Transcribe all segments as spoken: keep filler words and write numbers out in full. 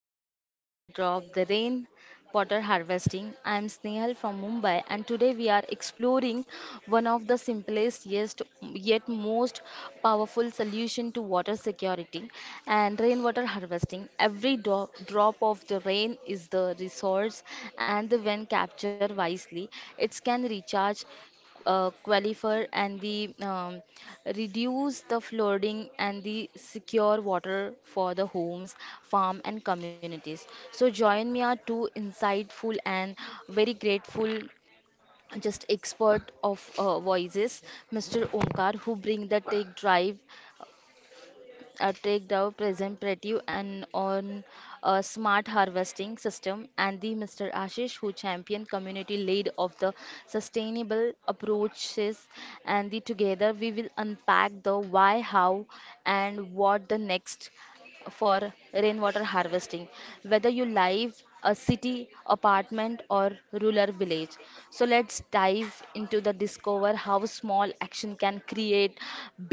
welcome to Drop by Drop, the rain water harvesting. I am Snehal from Mumbai and today we are exploring one of the simplest yet, yet most powerful solution to water security and rainwater harvesting. Every do- drop of the rain is the resource and when captured wisely, it can recharge uh, qualifier and the um, reduce the flooding and the secure water for the homes, farm and communities. So join me are two insightful and very grateful just expert of uh, voices, mister Omkar, who bring the tech drive uh, take the present and on a smart harvesting system, and the mister Ashish who championed community lead of the sustainable approaches. And the together we will unpack the why, how, and what the next for rainwater harvesting, whether you live a city, apartment, or rural village. So let's dive into the discover how small action can create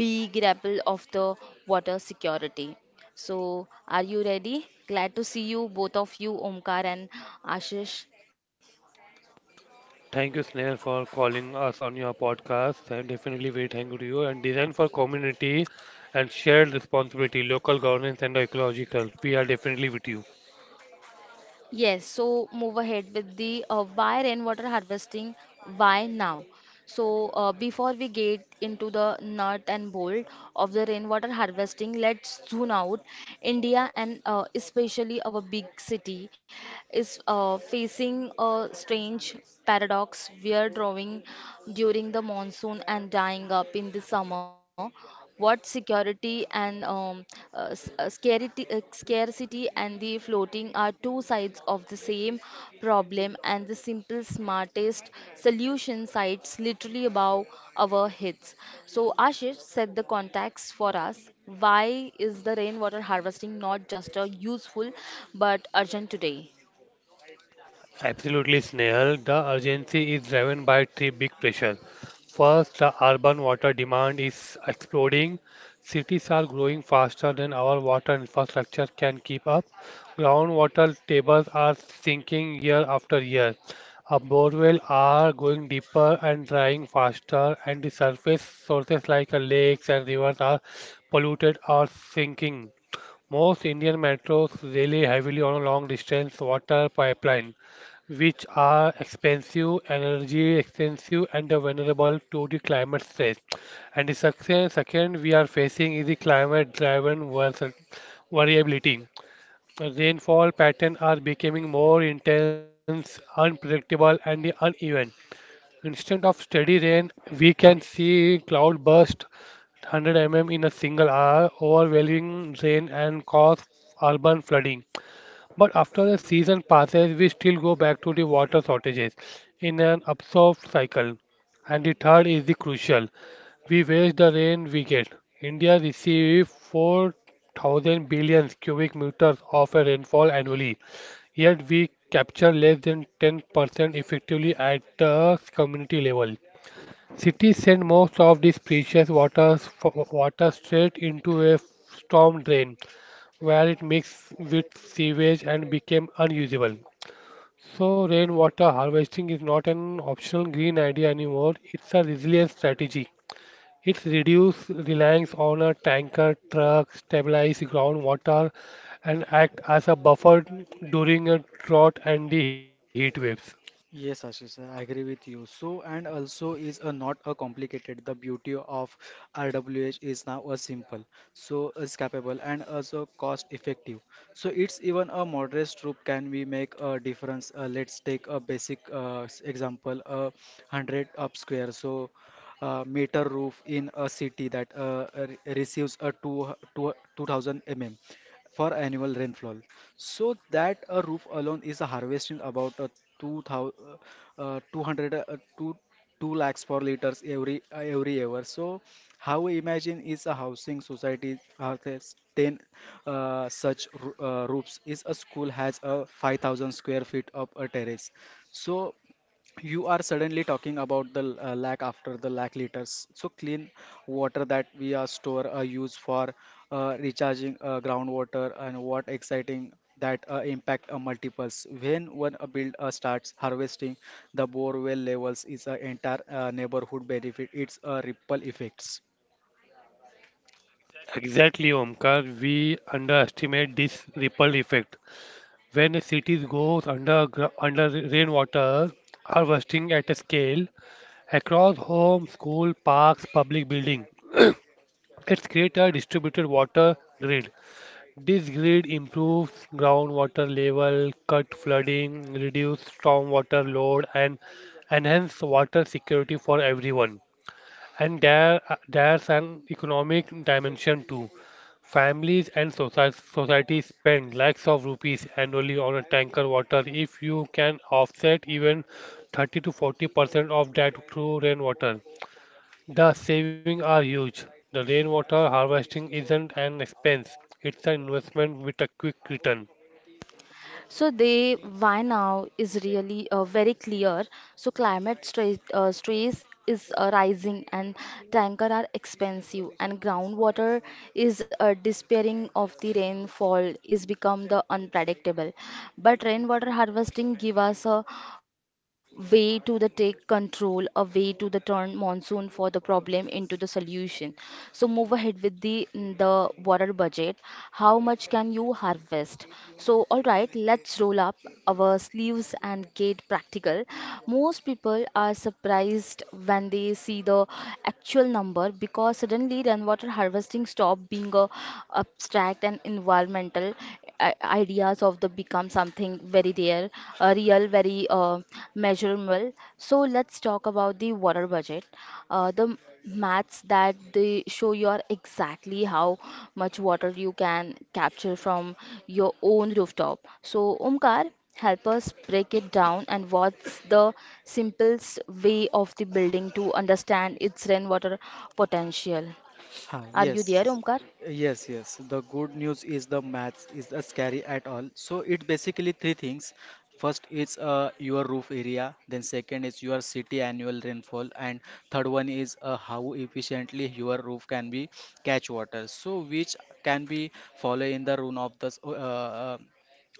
big ripple of the water security. So are you ready? Glad to see you, both of you, Omkar and Ashish. Thank you, Snail, for calling us on your podcast. I'm definitely very thankful to you. And design for community and shared responsibility, local governance, and ecological. We are definitely with you. Yes, so move ahead with the uh, why rainwater harvesting, why now? So, uh, before we get into the nut and bolt of the rainwater harvesting, let's zoom out. India and uh, especially our big city is uh, facing a strange paradox. We are drawing during the monsoon and drying up in the summer what security and um, uh, s- uh, scarcity, uh, scarcity and the floating are two sides of the same problem and the simple smartest solution sites literally above our heads. So Ashish, set the context for us. Why is the rainwater harvesting not just a useful but urgent today? Absolutely, Snehal. The urgency is driven by three big pressures. First, the urban water demand is exploding. Cities are growing faster than our water infrastructure can keep up. Groundwater tables are sinking year after year. Our borewells are going deeper and drying faster, and the surface sources like uh, lakes and rivers are polluted or sinking. Most Indian metros rely heavily on long-distance water pipeline, which are expensive, energy expensive, and vulnerable to the climate stress. And the second, second we are facing is the climate-driven vers- variability. Rainfall patterns are becoming more intense, unpredictable, and uneven. Instead of steady rain, we can see cloud burst one hundred millimeters in a single hour, overwhelming rain and cause urban flooding. But after the season passes, we still go back to the water shortages in an absurd cycle. And the third is the crucial. We waste the rain we get. India receives four thousand billion cubic meters of a rainfall annually, yet we capture less than ten percent effectively at the community level. Cities send most of this precious waters, water straight into a storm drain where it mixed with sewage and became unusable. So, rainwater harvesting is not an optional green idea anymore, it's a resilience strategy. It reduces reliance on a tanker, truck, stabilize groundwater, and act as a buffer during a drought and the heat waves. Yes, Ashish, I agree with you. So, and also is a not a complicated. The beauty of R W H is now a simple, so is capable and also cost effective. So it's even a modest troop can we make a difference. Uh, let's take a basic uh, s- example, a hundred up square. So uh, meter roof in a city that uh, re- receives a two two two thousand two, mm for annual rainfall. So that a roof alone is harvesting about uh, two thousand uh, two hundred uh, 2 2 lakhs per liters every uh, every year. So how we imagine is a housing society has ten uh, such roo- uh, roofs is a school has a five thousand square feet of a terrace. So you are suddenly talking about the l- uh, lakh after the lakh liters so clean water that we are store uh, use for uh, recharging uh, groundwater and what exciting that uh, impact uh, multiples when one uh, build uh, starts harvesting the bore well levels is a entire uh, neighborhood benefit it's a ripple effects. Exactly, Omkar. We underestimate this ripple effect. When a city goes under, under rainwater harvesting at a scale, across homes, school, parks, public buildings. It's create a distributed water grid. This grid improves groundwater level, cut flooding, reduce stormwater load, and enhance water security for everyone. And there, there's an economic dimension too. Families and soci- societies spend lakhs of rupees annually on a tanker water. If you can offset even thirty to forty percent of that through rainwater, the savings are huge. The rainwater harvesting isn't an expense, it's an investment with a quick return. So the why now is really uh, very clear. So climate stress, uh, stress is uh, rising and tanker are expensive and groundwater is uh, despairing of the rainfall is become the unpredictable. But rainwater harvesting give us a way to the take control, a way to the turn monsoon for the problem into the solution solution. So move ahead with the mm, the water budget. How much can you harvest? So all right, let's roll up our sleeves and get practical. Most people are surprised when they see the actual number because suddenly rainwater harvesting stop being a abstract and environmental i- ideas of the become something very real, uh, real, very uh, measurable. So let's talk about the water budget. Uh, the maths that they show you are exactly how much water you can capture from your own rooftop. So, Omkar, help us break it down and what's the simplest way of the building to understand its rainwater potential? Ha, Are you there, Yes, Omkar? yes, yes. The good news is the maths is uh, scary at all. So it basically three things. First is uh, your roof area, then second is your city annual rainfall, and third one is uh, how efficiently your roof can be catch water. So which can be follow in the rule of the s- uh,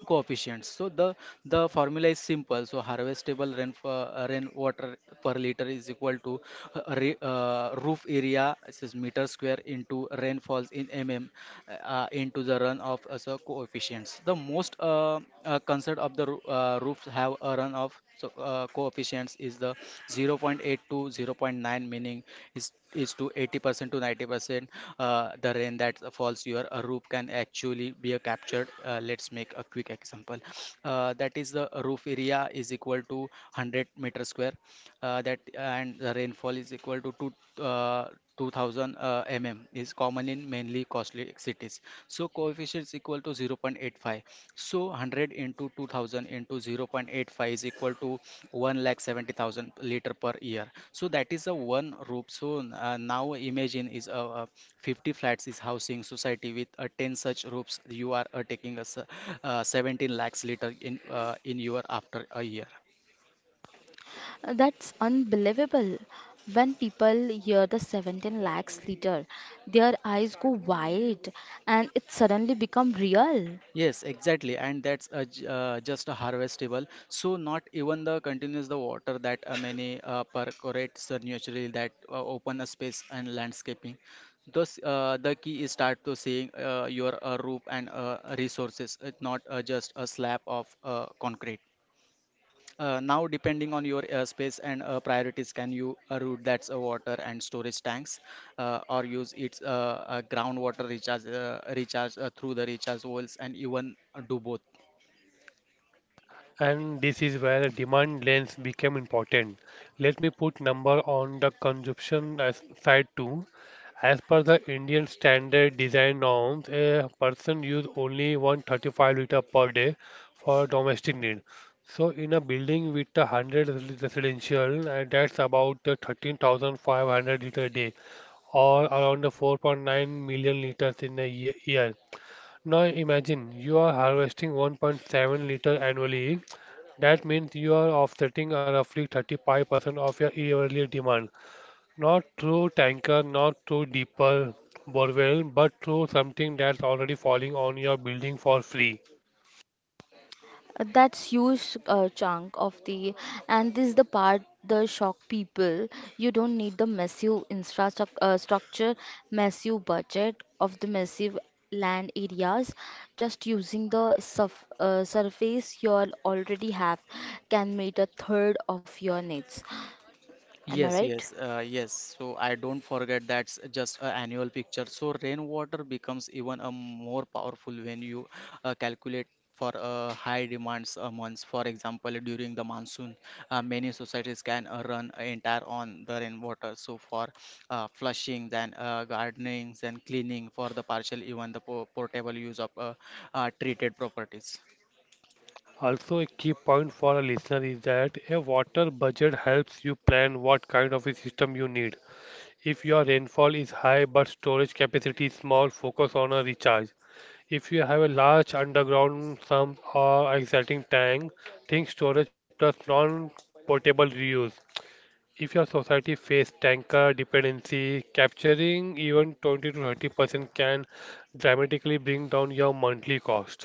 coefficients so the the formula is simple so harvestable rain uh, rainwater per liter is equal to uh, re, uh, roof area this is meter square into rainfalls in mm uh, into the runoff as a coefficients the most uh, uh, concern of the roo- uh, roofs have a runoff so uh, coefficients is the zero point zero point eight to zero point zero point nine meaning is is to eighty percent to ninety percent uh, the rain that falls your uh, roof can actually be uh, captured. Uh, let's make a quick example. Uh, that is the roof area is equal to one hundred meter square. Uh, that and the rainfall is equal to two, uh, two thousand uh, mm is common in mainly costly cities. So coefficient is equal to zero point eight five. So one hundred into two thousand into zero point eight five is equal to one lakh seventy thousand liter per year. So that is a one roof. So uh, now imagine is a, a fifty flats is housing society with a ten such roofs. You are uh, taking a s- uh, seventeen lakhs liter in uh, in your after a year. Uh, That's unbelievable. When people hear the seventeen lakhs liter, their eyes go wide and it suddenly become real. Yes, exactly, and that's a, j- uh, just a harvestable. So not even the continuous the water that uh, many uh, percolates uh, naturally that uh, open a space and landscaping. Thus, uh, the key is start to seeing uh, your uh, roof and uh, resources, uh, not uh, just a slab of uh, concrete. Uh, now, depending on your uh, space and uh, priorities, can you uh, route that's a water and storage tanks, uh, or use its uh, uh, groundwater recharge uh, recharge uh, through the recharge wells, and even uh, do both. And this is where the demand lens became important. Let me put number on the consumption as- side too. As per the Indian standard design norms, a person use only one hundred thirty-five liter per day for domestic need. So in a building with a one hundred residential, uh, that's about uh, thirteen thousand five hundred liter a day, or around four point nine million liters in a ye- year. Now imagine you are harvesting one point seven liter annually. That means you are offsetting a roughly thirty-five percent of your yearly demand. Not through tanker, not through deeper borewell, but through something that's already falling on your building for free. Uh, That's huge uh, chunk of the, and this is the part the shock people. You don't need the massive infrastructure, uh, structure, massive budget of the massive land areas. Just using the surf, uh, surface you all already have can meet a third of your needs. Am I Yes, right? yes, uh, yes. So I don't forget that's just an annual picture. So rainwater becomes even a more powerful when you uh, calculate for uh, high demands a month. For example, during the monsoon, uh, many societies can uh, run entire on the rainwater. So for uh, flushing, then uh, gardening, and cleaning for the partial, even the po portable use of uh, uh, treated properties. Also, a key point for a listener is that a water budget helps you plan what kind of a system you need. If your rainfall is high but storage capacity is small, focus on a recharge. If you have a large underground sump or exciting tank, think storage plus non-portable reuse. If your society faces tanker dependency, capturing even twenty to thirty percent can dramatically bring down your monthly cost.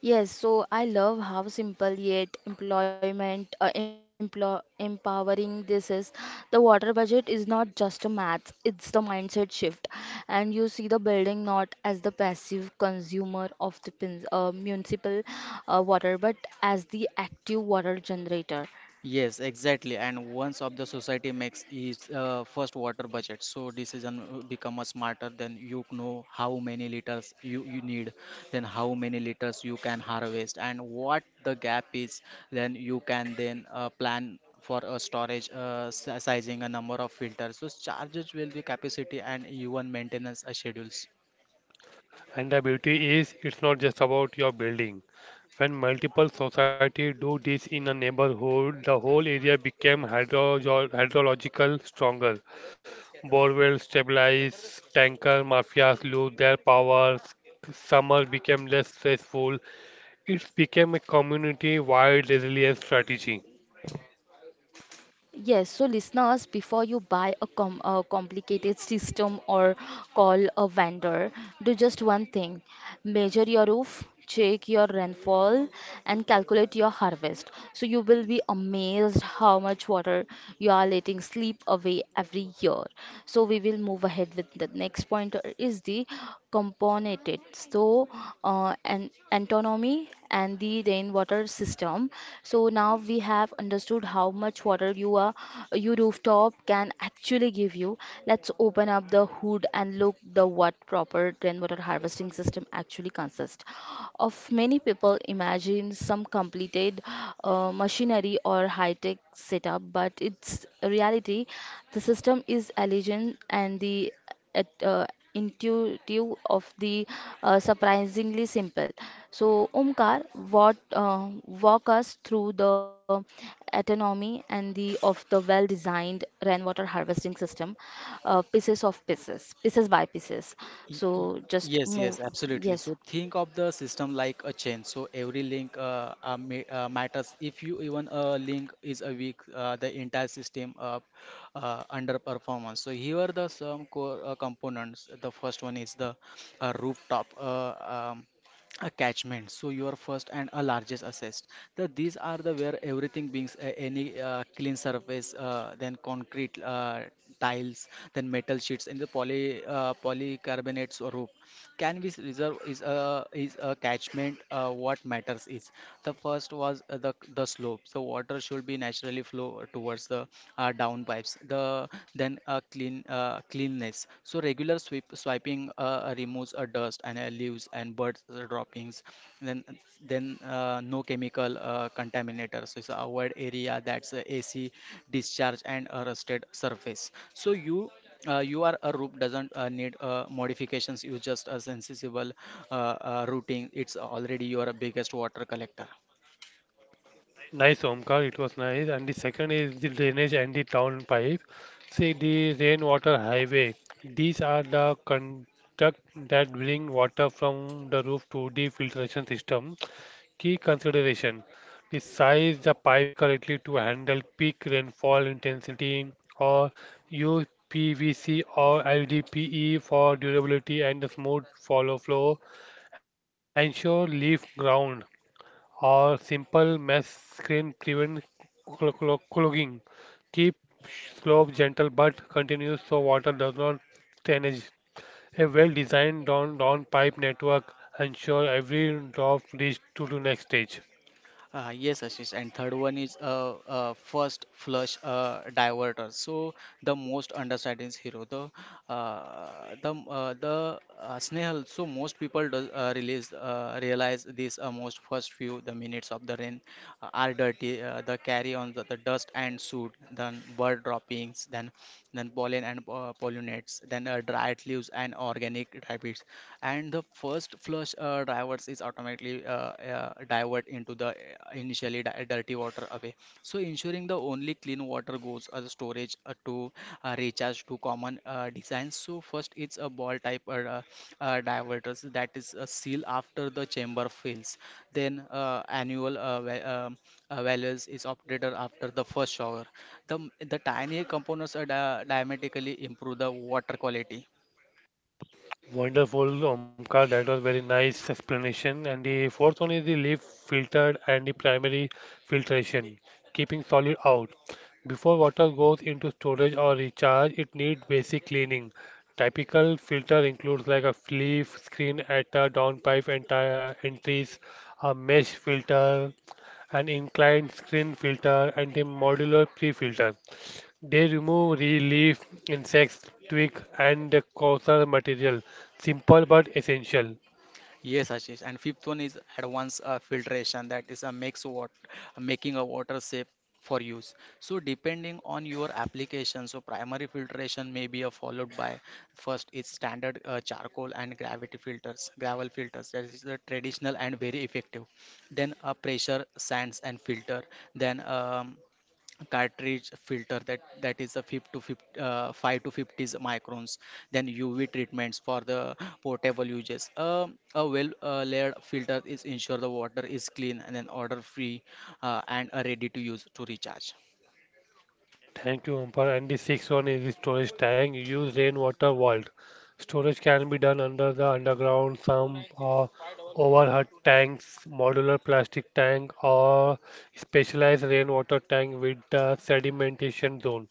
Yes, so I love how simple yet employment uh, employ, empowering this is. The water budget is not just a math, it's the mindset shift. And you see the building not as the passive consumer of the pin- uh, municipal uh, water, but as the active water generator. Yes, exactly. And once of the society makes its uh, first water budget, so decision uh, become a smarter. Then you know how many liters you, you need, then how many liters you can harvest, and what the gap is. Then you can then uh, plan for a storage uh, si- sizing, a number of filters. So charges will be capacity and even maintenance uh, schedules. And the beauty is, it's not just about your building. When multiple societies do this in a neighborhood, the whole area became hydroge- hydrological stronger. Borewell stabilized, tanker mafias lose their powers, summer became less stressful. It became a community-wide resilience strategy. Yes, so listeners, before you buy a, com a complicated system or call a vendor, do just one thing. Measure your roof, check your rainfall, and calculate your harvest. So you will be amazed how much water you are letting slip away every year. So we will move ahead with the next point uh, is the component so uh, an antonomy and the rainwater system. So now we have understood how much water you are your rooftop can actually give you. Let's open up the hood and look the what proper rainwater harvesting system actually consists of. Many people imagine some completed uh, machinery or high-tech setup, but it's reality the system is elegant and the at, uh, intuitive of the uh, surprisingly simple. So, Omkar, what uh, walk us through the autonomy and the of the well-designed rainwater harvesting system, uh, pieces of pieces, pieces by pieces. Y- y- So, just Yes, yes, move. absolutely. So Yes. think of the system like a chain. So every link uh, uh, ma- uh, matters. If you even a link is a weak, uh, the entire system uh, uh, underperformance. So here are the some core uh, components. The first one is the uh, rooftop. Uh, um, attachment so your first and a largest assets so these are the where everything beings uh, any uh, clean surface uh, then concrete uh, tiles then metal sheets in the poly uh, polycarbonates or roof Cannabis reserve is a is a catchment. Uh, what matters is the first was uh, the the slope. So water should be naturally flow towards the uh, down pipes. The then uh, clean uh, cleanness. So regular sweep swiping uh, removes uh, dust and uh, leaves and bird droppings. Then then uh, no chemical uh, contaminators. So it's avoid area that's uh, A C discharge and a rusted surface. So you uh, you are a roop doesn't uh, need uh, modifications you just a sensible uh, uh, routing it's already your biggest water collector. Nice, Omkar. It was nice. And the second is the drainage and the town pipe. See the rainwater highway. These are the conduct that bring water from the roof to the filtration system. Key consideration: the size the pipe correctly to handle peak rainfall intensity, or use P V C or L D P E for durability and the smooth follow flow. Ensure leaf ground or simple mesh screen prevent clo- clo- clogging. Keep slope gentle but continuous so water does not stainage. A well-designed down down pipe network ensure every drop reaches to the next stage. Uh, yes, Ashish. And third one is uh, uh, first flush uh, diverter. So the most understanding hero, the uh, the uh, the uh, Snehal. So most people does, uh, release uh, realize this uh, most first few the minutes of the rain uh, are dirty. Uh, the carry on the, the dust and soot, then bird droppings, then then pollen and uh, pollinates, then uh, dried leaves and organic rabbits and the first flush uh, diverts is automatically uh, uh, divert into the uh, initially di- dirty water away so ensuring the only clean water goes as a storage uh, to uh, recharge to common uh, designs so first it's a ball type uh, uh, uh, diverters that is a seal after the chamber fills then uh, annual uh, va- um, uh, values is updated after the first shower the the tiny components are di- diametrically improve the water quality. Wonderful, Omkar. That was very nice explanation. And the fourth one is the leaf filtered and the primary filtration, keeping solid out. Before water goes into storage or recharge, it needs basic cleaning. Typical filter includes like a leaf screen at a downpipe entire entries, a mesh filter, an inclined screen filter, and the modular pre-filter. They remove leaf, insects, twig, and the causal material. Simple but essential. Yes, Ashish. And fifth one is advanced uh, filtration that is a makes what making a water safe for use. So depending on your application, so primary filtration may be uh, followed by first is standard uh, charcoal and gravity filters, gravel filters. That is the traditional and very effective. Then a pressure sands and filter. Then um, cartridge filter that that is a five to fifty, uh, five to fifty microns then u v treatments for the portable uses. Um a well uh, layered filter is ensure the water is clean and then odor free uh, and uh, ready to use to recharge. Thank you, Umpar. And the sixth one is the storage tank. Use rainwater vault. Storage can be done under the underground sump or overhead tanks, modular plastic tank, or specialized rainwater tank with the sedimentation zone.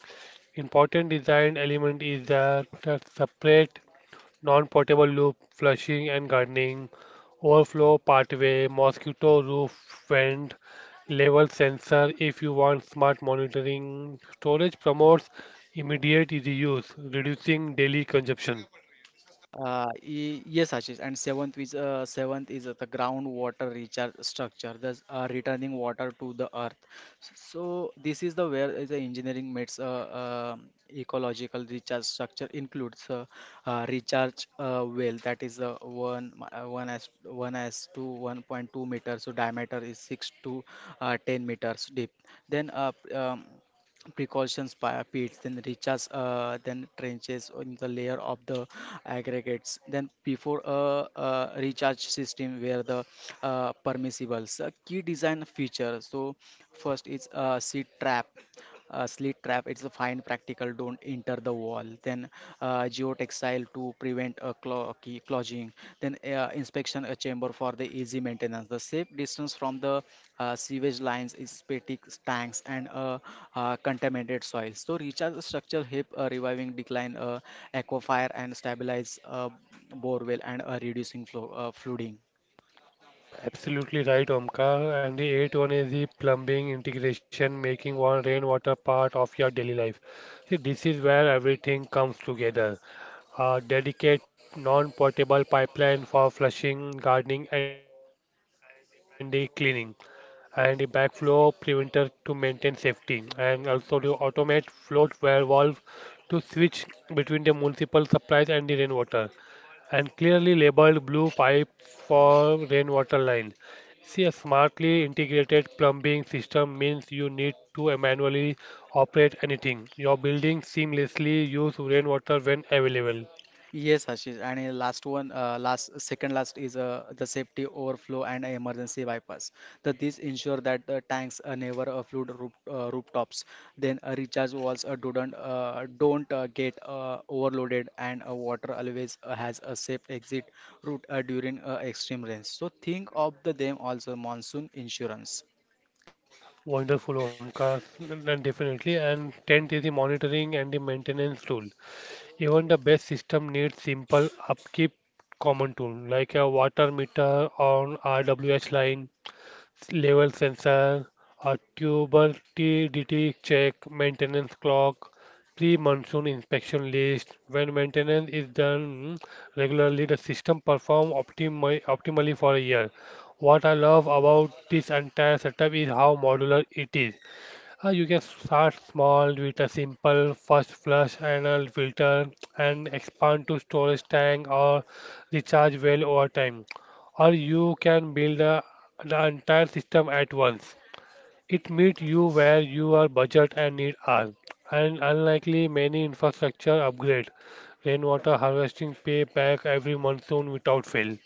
Important design element is that the separate non-potable loop flushing and gardening, overflow pathway, mosquito roof vent, level sensor if you want smart monitoring. Storage promotes immediate reuse, reducing daily consumption. Uh, y- yes, Ashish. And seventh is uh, seventh is uh, the groundwater recharge structure, thus uh, returning water to the earth. So this is the where is the engineering meets uh, uh, ecological recharge structure includes uh, uh, recharge uh, well that is uh, one mi- uh, one as one as to one point two meters. So diameter is six to uh, ten meters deep. Then uh, p- um, precautions by pits then recharge uh, then trenches in the layer of the aggregates then before a, uh recharge system where the uh, permissibles a key design feature so first is uh, seed trap uh, slit trap it's a fine practical don't enter the wall then uh, geo geotextile to prevent a clo- uh, key- clogging, then uh, inspection a chamber for the easy maintenance. The safe distance from the uh, sewage lines is static tanks and uh, uh, contaminated soils. So recharge structure help uh, reviving decline uh, aquifer and stabilize uh, borewell and uh, reducing flow, uh, flooding. Absolutely right, Omkar. And the eighth one is the plumbing integration, making one rainwater part of your daily life. See, this is where everything comes together. A dedicate non-portable pipeline for flushing, gardening, and the cleaning, and the backflow preventer to maintain safety and also to automate float well valve to switch between the municipal supplies and the rainwater and clearly labeled blue pipes for rainwater lines. See, a smartly integrated plumbing system means you need to manually operate anything. Your building seamlessly use rainwater when available. Yes, Ashish. And a last one, uh, last second last is uh, the safety overflow and emergency bypass. That these ensure that the tanks uh, never uh, flood roof, uh, rooftops. Then uh, recharge walls uh, don't uh, don't uh, get uh, overloaded, and uh, water always uh, has a safe exit route uh, during uh, extreme rains. So think of the them also monsoon insurance. Wonderful, Omkar, and definitely. And tenth is the monitoring and the maintenance tool. Even the best system needs simple upkeep common tool like a water meter on R W H line, s- level sensor, a turbidity check, maintenance clock, pre-monsoon inspection list. When maintenance is done regularly, the system performs optimi optimally for a year. What I love about this entire setup is how modular it is. Uh, you can start small with a simple first flush anal filter and expand to storage tank or recharge well over time. Or you can build a, the entire system at once. It meets you where your budget and need are. And unlikely many infrastructure upgrade. Rainwater harvesting pay back every monsoon without fail.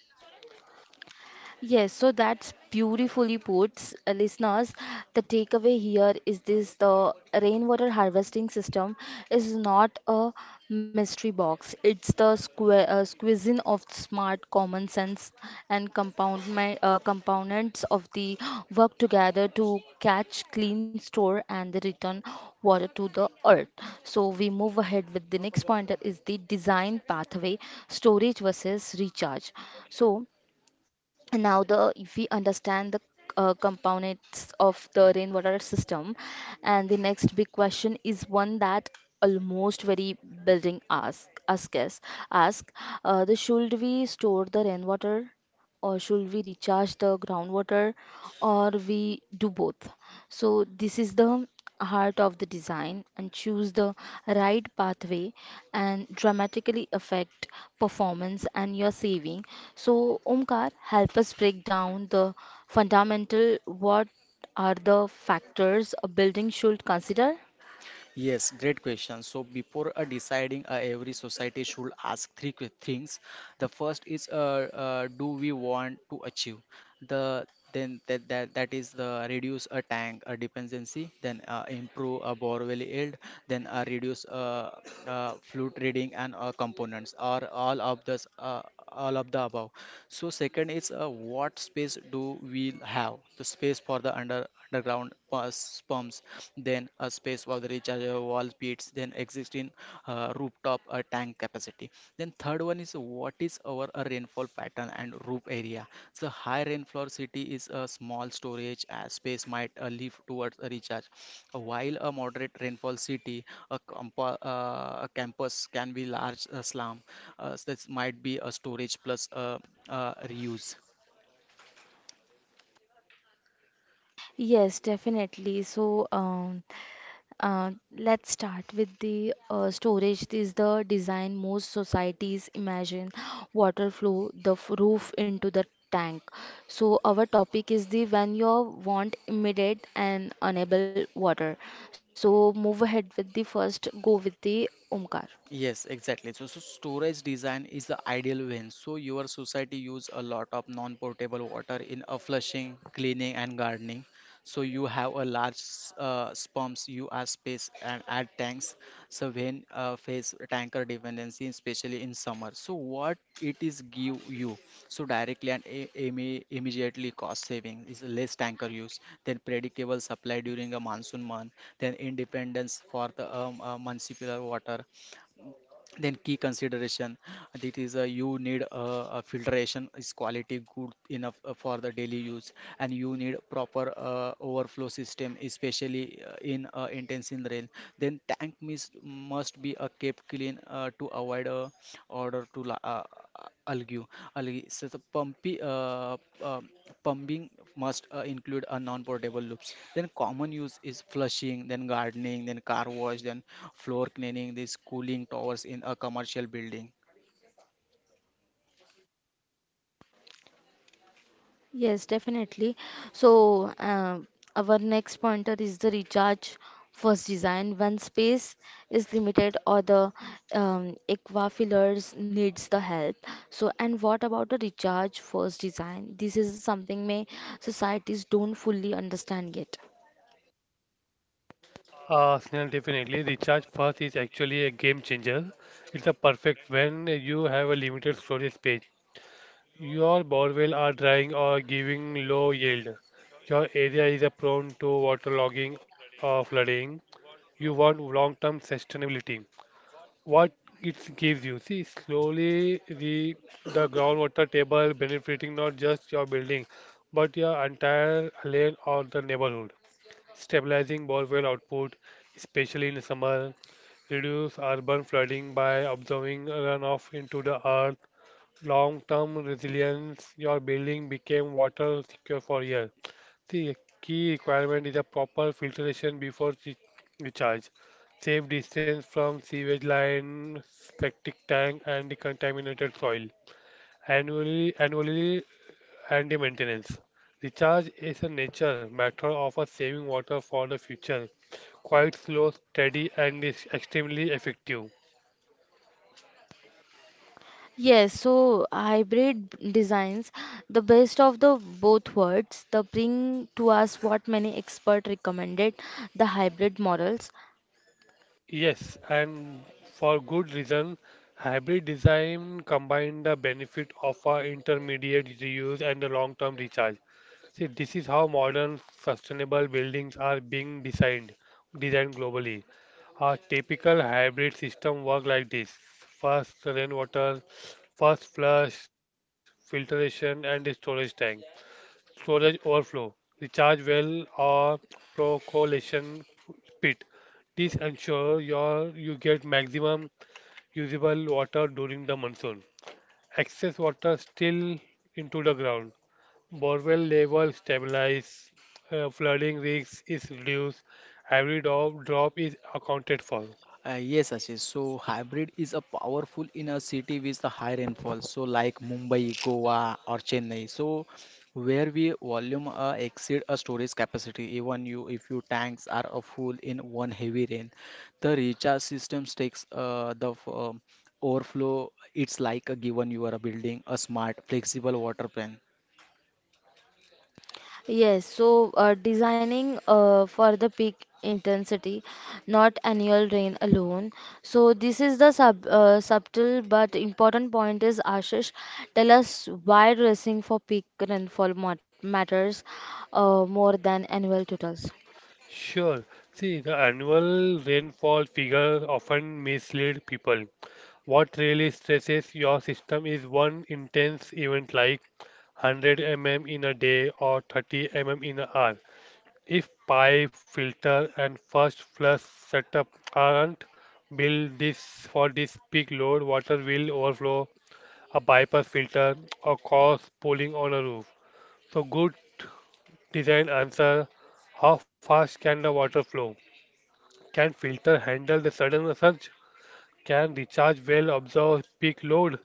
Yes, so that's beautifully put, uh, listeners. The takeaway here is this the rainwater harvesting system is not a mystery box. It's the squa- uh, squeezing of smart common sense and compound my, uh, components of the work together to catch, clean, store, and return water to the earth. So we move ahead with the next point that is the design pathway, storage versus recharge. So now the if we understand the uh, components of the rainwater system and the next big question is one that almost very building ask ask us ask uh, the should we store the rainwater or should we recharge the groundwater or we do both. So this is the heart of the design and choose the right pathway and dramatically affect performance and your saving. So Omkar, help us break down the fundamental what are the factors a building should consider. Yes, great question. So before uh, deciding, uh, every society should ask three que- things. The first is, uh, uh, do we want to achieve? The then that that, that is the reduce a tank a dependency, then uh, improve a borewell yield, then uh, reduce uh, uh, flute reading and uh, components, or all of this, uh, all of the above. So second is, uh, what space do we have? The space for the under underground pus- pumps, then a space for the rechargeable wall beats, then existing uh, rooftop uh, tank capacity. Then third one is what is our uh, rainfall pattern and roof area. So high rainfall city is a small storage uh, space might uh, leave towards a recharge, while a moderate rainfall city, a, compa- uh, a campus can be large uh, slum. Uh, so this might be a storage plus uh, uh, reuse. Yes, definitely. So, um, Uh, let's start with the uh, storage. This is the design most societies imagine. Water flow the f- roof into the tank. So our topic is the when you want immediate and unable water. So move ahead with the first. Go with the Omkar. Yes, exactly. So, so storage design is the ideal when. So your society use a lot of non-potable water in a flushing, cleaning, and gardening. So you have a large s- uh, pumps, you are space and add tanks. So when uh, face tanker dependency, especially in summer. So what it is give you? So directly and i- imme- immediately cost saving is less tanker use, then predictable supply during a monsoon month, then independence for the um, uh, municipal water, then key consideration, that is uh, you need uh, a filtration is quality good enough uh, for the daily use, and you need proper uh, overflow system, especially uh, in uh, intense in rain. Then tank mist must be uh, kept clean uh, to avoid uh, odor to la- uh, algae algae so the pumpy uh, uh, pumping must uh, include a non-portable loops, then common use is flushing, then gardening, then car wash, then floor cleaning, these cooling towers in a commercial building. Yes, definitely. So, uh, our next pointer is the recharge first design. When space is limited or the um, aquifers needs the help. So, and what about the recharge first design? This is something may societies don't fully understand yet. Uh, Snell, definitely. Recharge fast is actually a game changer. It's a perfect when you have a limited storage space. Your borewell are drying or giving low yield. Your area is a prone to waterlogging or flooding. You want long-term sustainability. What it gives you, see, slowly the the groundwater table benefiting not just your building, but your entire lane or the neighborhood stabilizing borewell output, especially in summer, reduce urban flooding by observing runoff into the earth, long-term resilience, your building became water secure for years. The key requirement is a proper filtration before re- recharge, safe distance from sewage line, septic tank, and decontaminated soil. Annually, annually and the maintenance. Recharge is a nature matter of a saving water for the future. Quite slow, steady, and is extremely effective. Yes, so hybrid b- designs, the best of the both worlds, the bring to us what many expert recommended, the hybrid models. Yes, and for good reason, hybrid design combine the benefit of a intermediate reuse and the long-term recharge. See, this is how modern sustainable buildings are being designed, designed globally. A typical hybrid system works like this. First rainwater, first flush, filtration and a storage tank. Storage overflow, recharge well or percolation pit. This ensures your you get maximum usable water during the monsoon. Excess water still into the ground. Borewell level stabilize, uh, flooding risk is reduced, every drop, drop is accounted for. Uh, yes, Ashish. So hybrid is a powerful in a city with the high rainfall, so like Mumbai, Goa, or Chennai. So where we volume uh, exceed a storage capacity. Even you, if your tanks are uh, full in one heavy rain, the recharge systems takes uh, the f- um overflow. It's like a given you are a building a smart, flexible water plan. Yes, so uh, designing uh, for the peak intensity, not annual rain alone. So this is the sub uh, subtle but important point is Ashish, tell us why dressing for peak rainfall mat matters uh, more than annual totals. Sure, see the annual rainfall figure often mislead people. What really stresses your system is one intense event like one hundred millimeters in a day or thirty millimeters in an hour. If pipe, filter, and first flush setup aren't built this for this peak load, water will overflow a bypass filter, or cause pooling on a roof. So good design answer how fast can the water flow? Can filter handle the sudden surge? Can recharge well absorb peak load?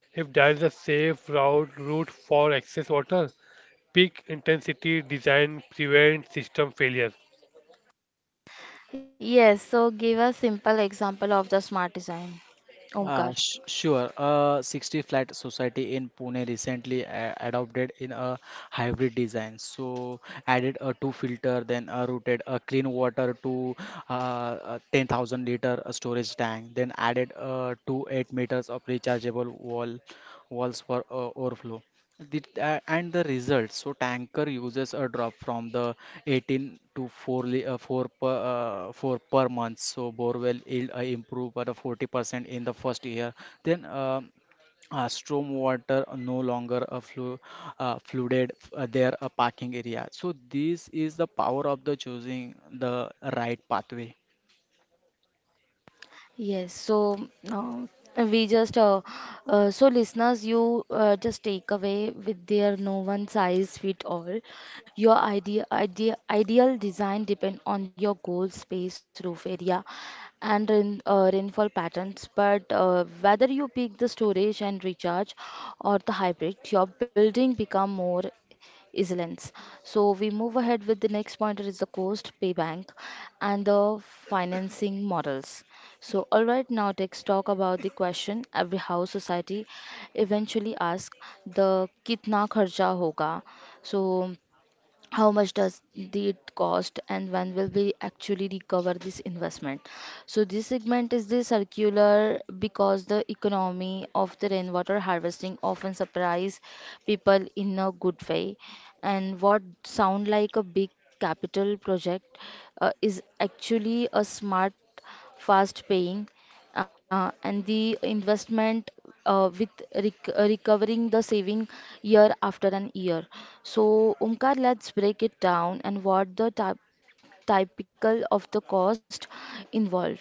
If there is a safe route route for excess water, peak intensity design prevents system failure. Yes, so give a simple example of the smart design. Uh, Omkar. sh Sure. A sixty flat society in Pune recently a adopted in a hybrid design. So added a two filter, then uh, routed a clean water to uh, a ten thousand liter storage tank, then added uh, two eight meters of rechargeable wall walls for uh, overflow. The, uh, and the results. So tanker uses a drop from the eighteen to four li- uh, four per uh, four per month. So borewell yield uh, improve by the forty percent in the first year. Then uh, uh, storm water no longer uh, flu uh, flooded uh, their uh, parking area. So this is the power of the choosing the right pathway. Yes, so um, we just uh, uh, so listeners, you uh, just take away with their no one size fit all. Your idea, idea, ideal design depend on your goal, space, roof area, and rain, uh, rainfall patterns. But uh, whether you pick the storage and recharge or the hybrid, your building become more resilience. So we move ahead with the next pointer is the cost, payback and the financing models. So, alright, now let's talk about the question every house society eventually asks the kitna kharcha hoga. So, how much does the- it cost and when will we actually recover this investment. So this segment is the circular because the economy of the rainwater harvesting often surprise people in a good way and what sound like a big capital project uh, is actually a smart fast paying uh, and the investment uh, with rec- uh, recovering the saving year after an year. So, Omkar, let's break it down and what the typ typical of the cost involved.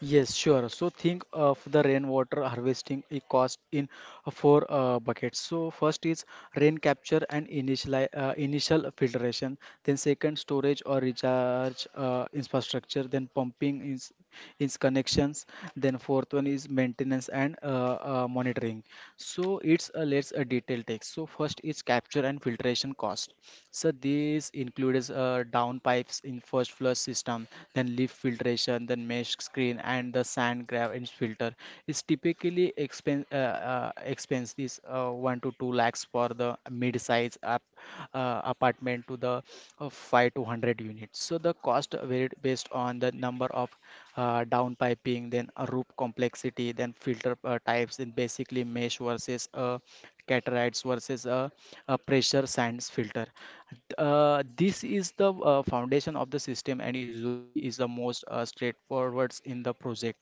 Yes, sure. So think of the rainwater harvesting a cost in uh, four uh, buckets. So first is rain capture and initial uh, initial filtration. Then second, storage or recharge uh, infrastructure. Then pumping is is connections. Then fourth one is maintenance and uh, uh, monitoring. So it's a let's a detail take. So first is capture and filtration cost. So these includes uh, down pipes in first first flush system, then leaf filtration, then mesh screen, and the sand gravity filter. It's typically expen uh, uh, expense this uh, one to two lakhs for the mid-size up, uh, apartment to the uh, five to hundred units. So the cost varied based on the number of uh, down piping, then a roof complexity, then filter uh, types, then basically mesh versus uh, cataracts versus a, a pressure sands filter. Uh, this is the uh, foundation of the system and usually is the most uh, straightforward in the project.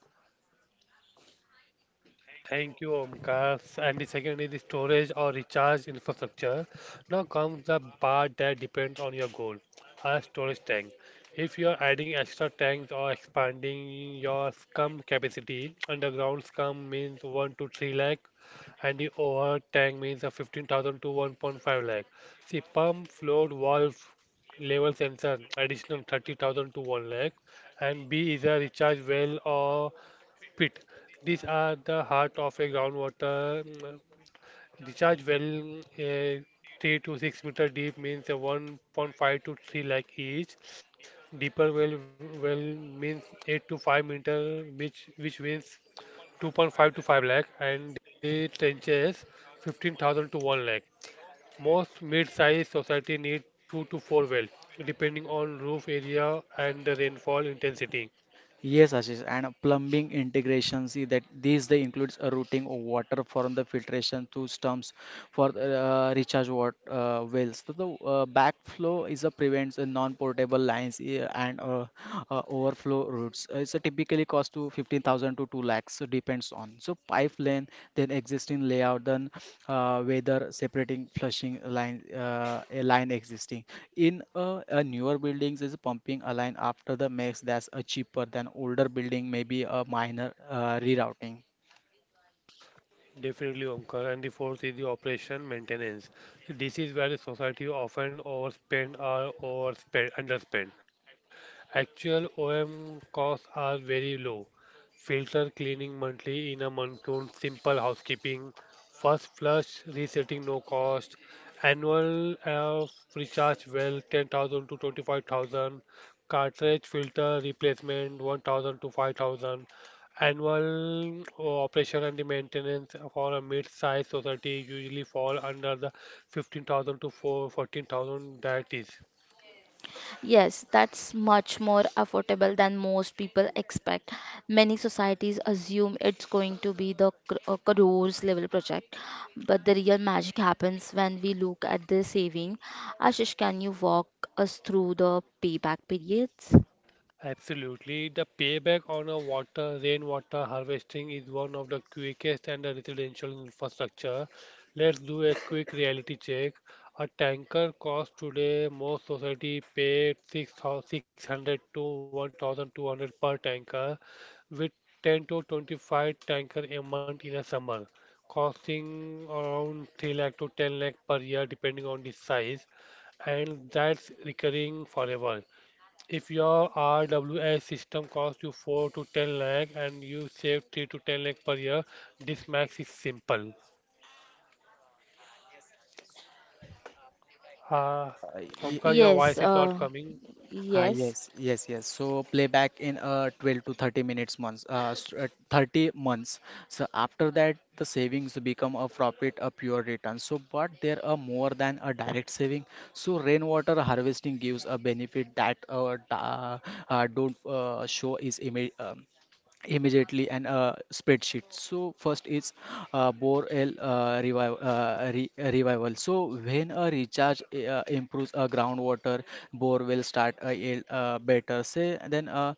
Thank you, Omkar. And the second is the storage or recharge infrastructure. Now comes the part that depends on your goal. A storage tank. If you are adding extra tanks or expanding your scum capacity, underground scum means one to three lakh, and the overhead tank means a fifteen thousand to one point five lakh. See, pump, float, valve, level sensor additional thirty thousand to one lakh and B is a recharge well or pit. These are the heart of a groundwater mm, recharge well, uh, three to six meter deep means a one point five to three lakh each. Deeper well well means eight to five meter, which which means two point five to five lakh, and the trenches fifteen thousand to one lakh. Most mid-sized society need two to four well, depending on roof area and the rainfall intensity. Yes, Ashish, and uh, plumbing integration. See that these they includes a routing of water from the filtration to stumps for uh, recharge water uh, wells. So the uh, backflow is a prevents a non-portable lines uh, and uh, uh, overflow routes. Uh, it's a typically cost to fifty thousand to two lakhs, so depends on so pipe length, then existing layout, then uh, whether separating flushing line uh, a line existing in uh, a newer buildings is pumping a line after the max, that's a cheaper than older building, maybe a minor uh, rerouting. Definitely, Omkar. And the fourth is the operation maintenance. This is where the society often overspend or overspend, underspend. Actual O M costs are very low. Filter cleaning monthly in a monsoon, simple housekeeping, first flush resetting no cost, annual uh, recharge well ten thousand to twenty-five thousand, cartridge filter replacement one thousand to five thousand, annual uh, operation and the maintenance for a mid-sized society usually fall under the fifteen thousand to four fourteen 14,000 deities. Yes, that's much more affordable than most people expect. Many societies assume it's going to be the cr- uh, crores level project, but the real magic happens when we look at the saving. Ashish, can you walk us through the payback periods? Absolutely. The payback on a water rainwater harvesting is one of the quickest and the residential infrastructure. Let's do a quick reality check. A tanker costs today, most society pay six hundred to one thousand two hundred per tanker with ten to twenty-five tanker a month in a summer, costing around three lakh to ten lakh per year depending on the size, and that's recurring forever. If your R W S system costs you four to ten lakh and you save three to ten lakh per year, this max is simple. Uh, Uh, ye- Omkar, Yes, your voice is uh, not coming. Ah, yes. yes, yes, yes. So playback in uh, twelve to thirty minutes months, uh, s- uh, thirty months. So after that, the savings become a profit, a pure return. So, but there are more than a direct saving. So rainwater harvesting gives a benefit that uh, da- uh, don't uh, show is image immediately and a spreadsheet. So first is uh, borel uh, revival uh, re- revival, so when a recharge uh, improves a groundwater, bore will start a yield uh, better say, then uh,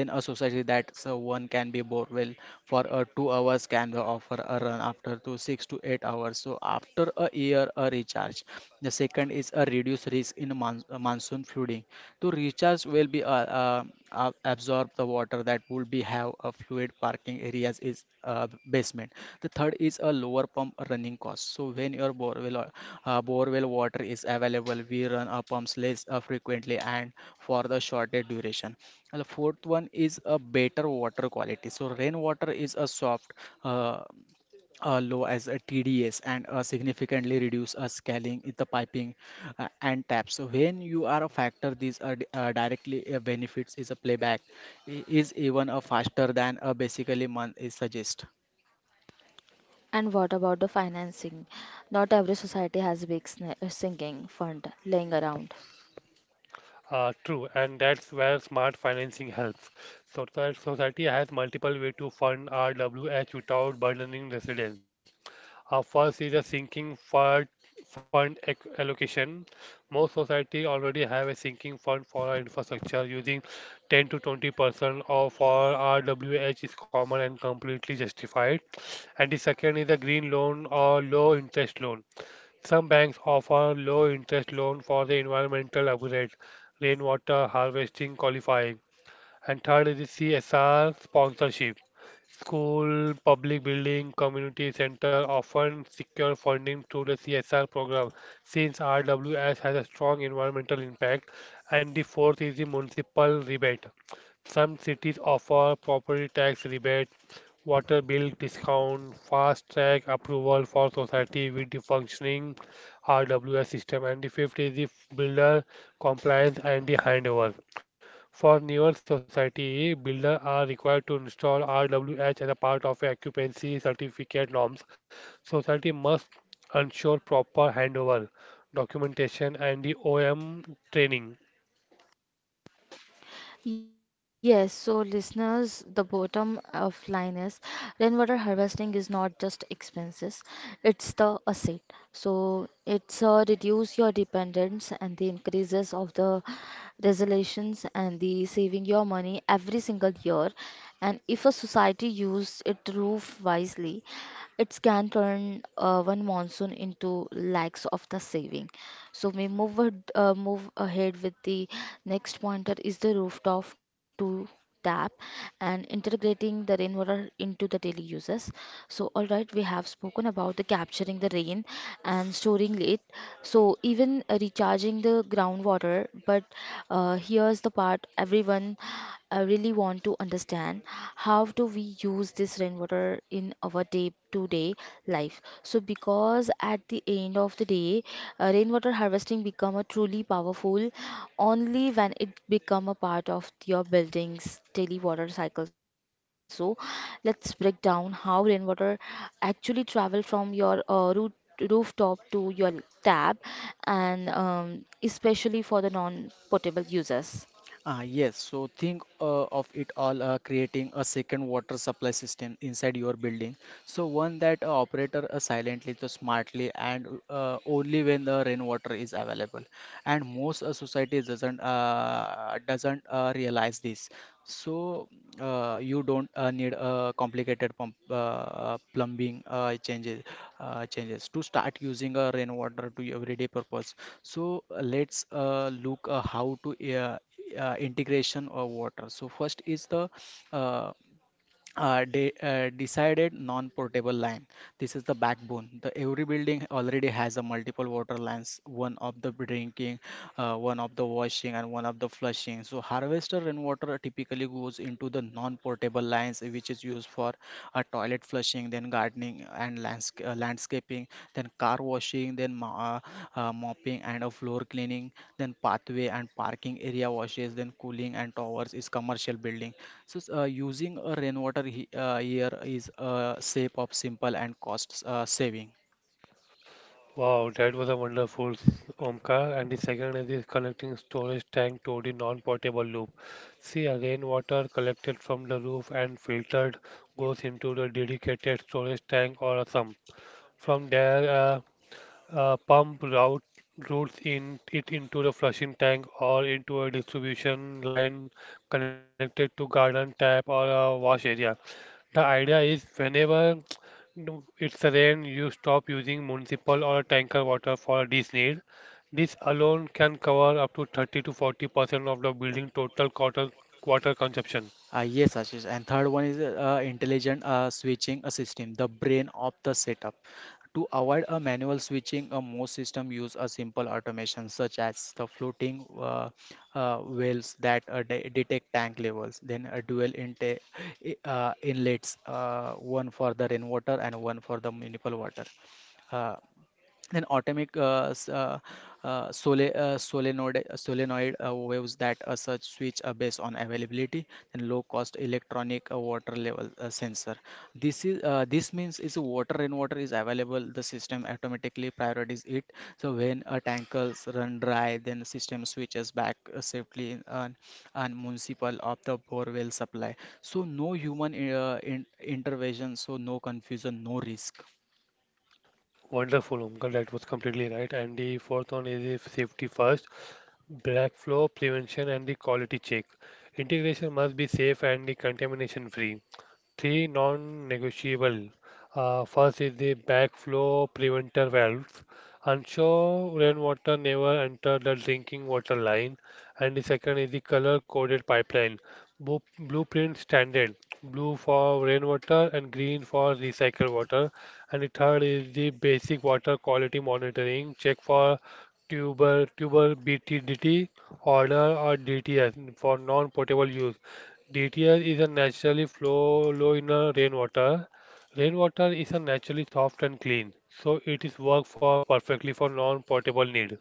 then a society, that so one can be bore well for uh, two hours can offer a run after to six to eight hours, so after a year a recharge. The second is a reduced risk in mon- monsoon flooding, to recharge will be uh, uh, uh, absorb the water that would be have a fluid parking areas is uh, basement. The third is a lower pump running cost, so when your borewell or- uh, borewell water is available, we run our pumps less uh, frequently and for the shorter duration. And the fourth one is a better water quality, so rainwater is a soft, uh, uh, low as a T D S and uh, significantly reduce uh, scaling in the piping uh, and taps. So when you are a factor, these are di- uh, directly uh, benefits, is a playback i- is even uh, faster than uh, basically month is suggest. And what about the financing? Not every society has big sna- uh, sinking fund laying around. Uh, true, and that's where smart financing helps. So, so- society has multiple ways to fund R W S without burdening residents. Uh, first is a sinking fund fund ac- allocation. Most society already have a sinking fund for our infrastructure. Using ten to twenty percent of for R W H is common and completely justified. And the second is a green loan or low interest loan. Some banks offer low interest loan for the environmental upgrade, rainwater harvesting qualifying. And third is the C S R sponsorship. School, public building, community center often secure funding through the C S R program since R W S has a strong environmental impact, and the fourth is the municipal rebate. Some cities offer property tax rebate, water bill discount, fast track approval for society with the functioning R W S system, and the fifth is the builder compliance and the handover. For newer society, builders are required to install R W H as a part of a occupancy certificate norms. Society must ensure proper handover, documentation, and the O M training. Yes, so listeners, the bottom of line is rainwater harvesting is not just expenses, it's the asset. So it's uh, reduce your dependence and the increases of the resolutions and the saving your money every single year. And if a society use it roof wisely, it can turn uh, one monsoon into lakhs of the saving. So we move ad- uh, move ahead with the next pointer. Is the rooftop to tap and integrating the rainwater into the daily uses. So all right, we have spoken about the capturing the rain and storing it. So even uh, recharging the groundwater, but uh, here's the part everyone I really want to understand how do we use this rainwater in our day to day life. So because at the end of the day say, uh, rainwater harvesting become a truly powerful only when it become a part of your building's daily water cycle. So, let's break down how rainwater actually travel from your uh, root rooftop to your tap and um, especially for the non-potable users. Ah, yes, so think uh, of it all uh, creating a second water supply system inside your building. So one that uh, operator uh, silently, to smartly, and uh, only when the rainwater is available. And most uh, society doesn't uh, doesn't uh, realize this. So uh, you don't uh, need a complicated pump, uh, uh, plumbing uh, changes uh, changes to start using a rainwater to your everyday purpose. So uh, let's uh, look uh, how to uh, uh, integration of water. So first is the uh, uh, de uh, decided non-portable line. This is the backbone. The every building already has a multiple water lines, one of the drinking, uh, one of the washing, and one of the flushing. So harvester rainwater typically goes into the non-portable lines, which is used for uh, toilet flushing, then gardening and landsca- uh, landscaping, then car washing, then ma- uh, uh, mopping and a floor cleaning, then pathway and parking area washes, then cooling and towers is commercial building. So, s- uh, using a rainwater he uh, here is a shape of simple and cost uh, saving. Wow, that was a wonderful s- Omkar. And the second is this connecting storage tank to the non-potable loop. See, a rainwater collected from the roof and filtered goes into the dedicated storage tank or a sump. From there, a, a pump route routes in it into the flushing tank or into a distribution line connected to garden tap or a wash area. The idea is whenever no- it's rain, you stop using municipal or tanker water for this need. This alone can cover up to thirty to forty percent of the building total water water consumption. Uh, yes, Ashish. And third one is uh, intelligent uh, switching a system, the brain of the setup. To avoid a manual switching, uh, most system use a simple automation, such as the floating uh, uh, wells that uh, de detect tank levels, then a dual inte i- uh, inlets, uh, one for the rainwater and one for the municipal water. Uh, Then atomic uh, s- uh, uh, sole, uh, solenoid, uh, solenoid uh, waves that uh, such switch are based on availability and low cost electronic uh, water level uh, sensor. This is, uh, this means is water rainwater is available, the system automatically prioritizes it. So when uh, tankers run dry, then the system switches back uh, safely in, uh, and municipal of the borewell supply. So no human uh, in, intervention, so no confusion, no risk. Wonderful, Omkar, that was completely right. And the fourth one is if safety first, black flow prevention and the quality check. Integration must be safe and the contamination free. Three non-negotiable. Uh, first is the backflow preventer valves. Ensure rainwater never enter the drinking water line. And the second is the color-coded pipeline. Bu- Blueprint standard. Blue for rainwater and green for recycled water. And the third is the basic water quality monitoring. Check for tuber tuber B T D T order or D T S for non-potable use. D T R is a naturally flow low in a rainwater. Rainwater is a naturally soft and clean, so it is work for perfectly for non-potable need.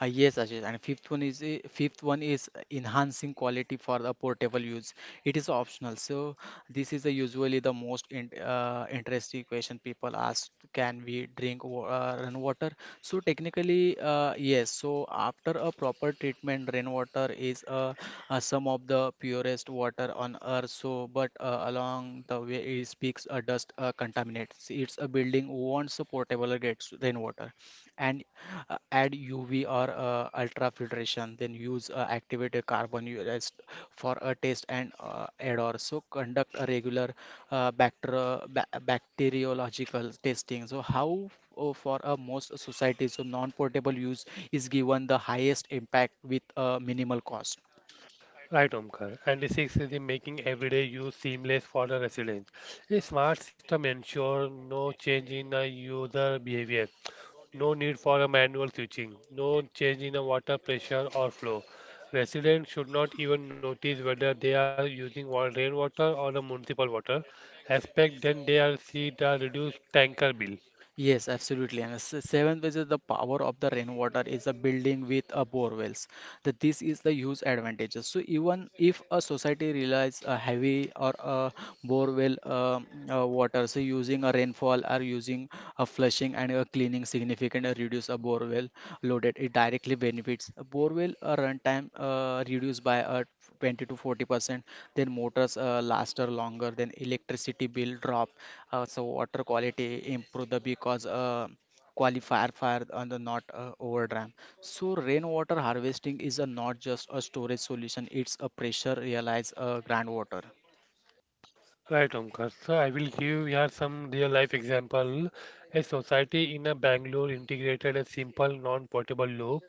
Uh, yes, Ashish, and fifth one is uh, fifth one is enhancing quality for the portable use. It is optional, so this is the usually the most in, uh, interesting question people ask: Can we drink wa- uh, rainwater? So technically, uh, yes. So after a proper treatment, rainwater is uh, uh, some of the purest water on earth. So, but uh, along the way, it speaks uh, dust uh, contaminates. It's a building wants a portable gets rainwater and uh, add U V or uh, ultrafiltration, then use uh, activated carbon rest for a taste and uh, odor. So conduct a regular uh, bacteri- ba- bacteriological testing. So how uh, for a most societies, so non-portable use is given the highest impact with uh, minimal cost. Right, Omkar. And six is the making everyday use seamless for the residents. A smart system ensures no change in the user behavior, no need for a manual switching, no change in the water pressure or flow. Residents should not even notice whether they are using wa- rainwater or the municipal water. Expect then they are see the reduced tanker bill. Yes, absolutely. And the se- seventh is the power of the rainwater is a building with a bore wells. That this is the huge advantages, so even if a society relies a heavy or a bore well um, uh, water, so using a rainfall or using a flushing and a cleaning significant uh, reduce a bore well loaded, it directly benefits a bore well uh, runtime uh, reduced by uh, twenty to forty percent, then motors uh, last are longer, then electricity bill drop, uh, so water quality improve the because uh, qualifier fire and the not uh, overdram. So rainwater harvesting is a not just a storage solution; it's a pressure realize uh, groundwater. Right, Omkar. So I will give here some real life example. A society in a Bangalore integrated a simple non-portable loop,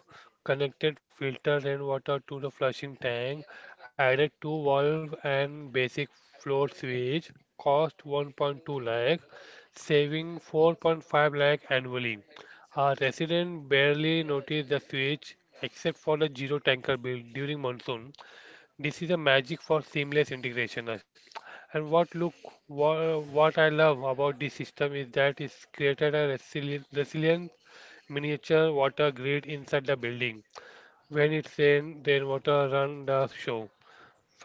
connected filters and water to the flushing tank, added two valve and basic floor switch, cost one point two lakh, saving four point five lakh annually. A resident barely noticed the switch except for the zero tanker bill during monsoon. This is a magic for seamless integration. uh, And what look wha- what I love about this system is that it's created a resilient, resilient miniature water grid inside the building. When it's rain, then water run the show.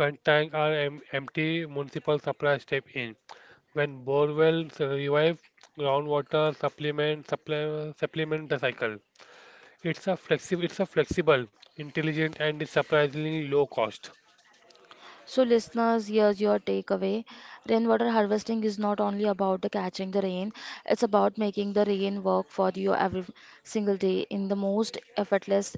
When tanks are em- empty, municipal supply step in. When borewells revive, groundwater supplement supply, supplement the cycle. It's a flexible, it's a flexible, intelligent, and surprisingly low cost. So, listeners, here's your takeaway. Rainwater harvesting is not only about the catching the rain, it's about making the rain work for you every single day in the most effortless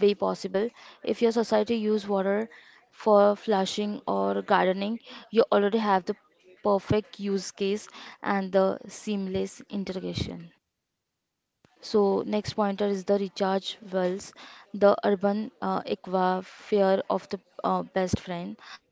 way possible. If your society use water for flushing or gardening, you already have the perfect use case and the seamless integration. So next pointer is the recharge wells, the urban uh, aquasphere of the uh, best friend.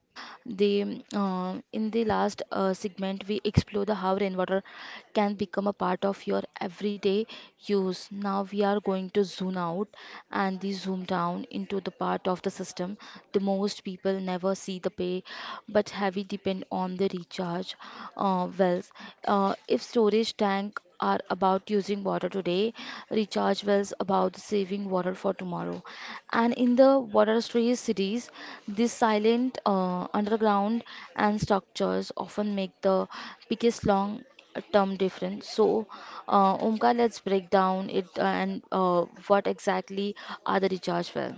The um, uh, in the last uh, segment we explore the how rainwater can become a part of your everyday use. Now we are going to zoom out and the zoom down into the part of the system the most people never see the pay but heavy depend on the recharge uh, wells. Uh, if storage tank are about using water today, recharge wells about saving water for tomorrow. And in the water stress cities, these silent uh, underground and structures often make the biggest long term difference. So, uh, Omkar, let's break down it uh, and uh, what exactly are the recharge well?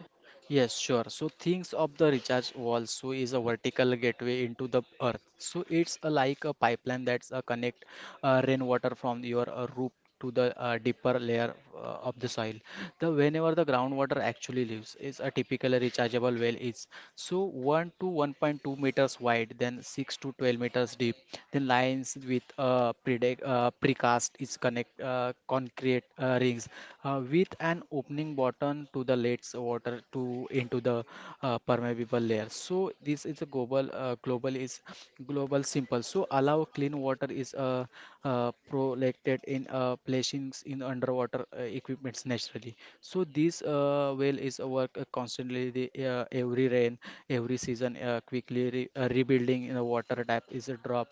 Yes, sure. So things of the recharge wall so is a vertical gateway into the earth. So it's a, like a pipeline that's a connect uh, rainwater from your uh, roof to the uh, deeper layer uh, of the soil. The whenever the groundwater actually lives is a typical rechargeable well is so one to one point two meters wide, then six to twelve meters deep, then the lines with uh, predict, uh, precast is connect uh, concrete uh, rings uh, with an opening button to the lets water to into the uh, permeable layer. So this is a global uh, global is global simple. So allow clean water is uh, uh, protected in uh, placings in underwater uh, equipments naturally. So this uh, well is a work uh, constantly the, uh, every rain every season uh, quickly re- uh, rebuilding in the water tap is a drop.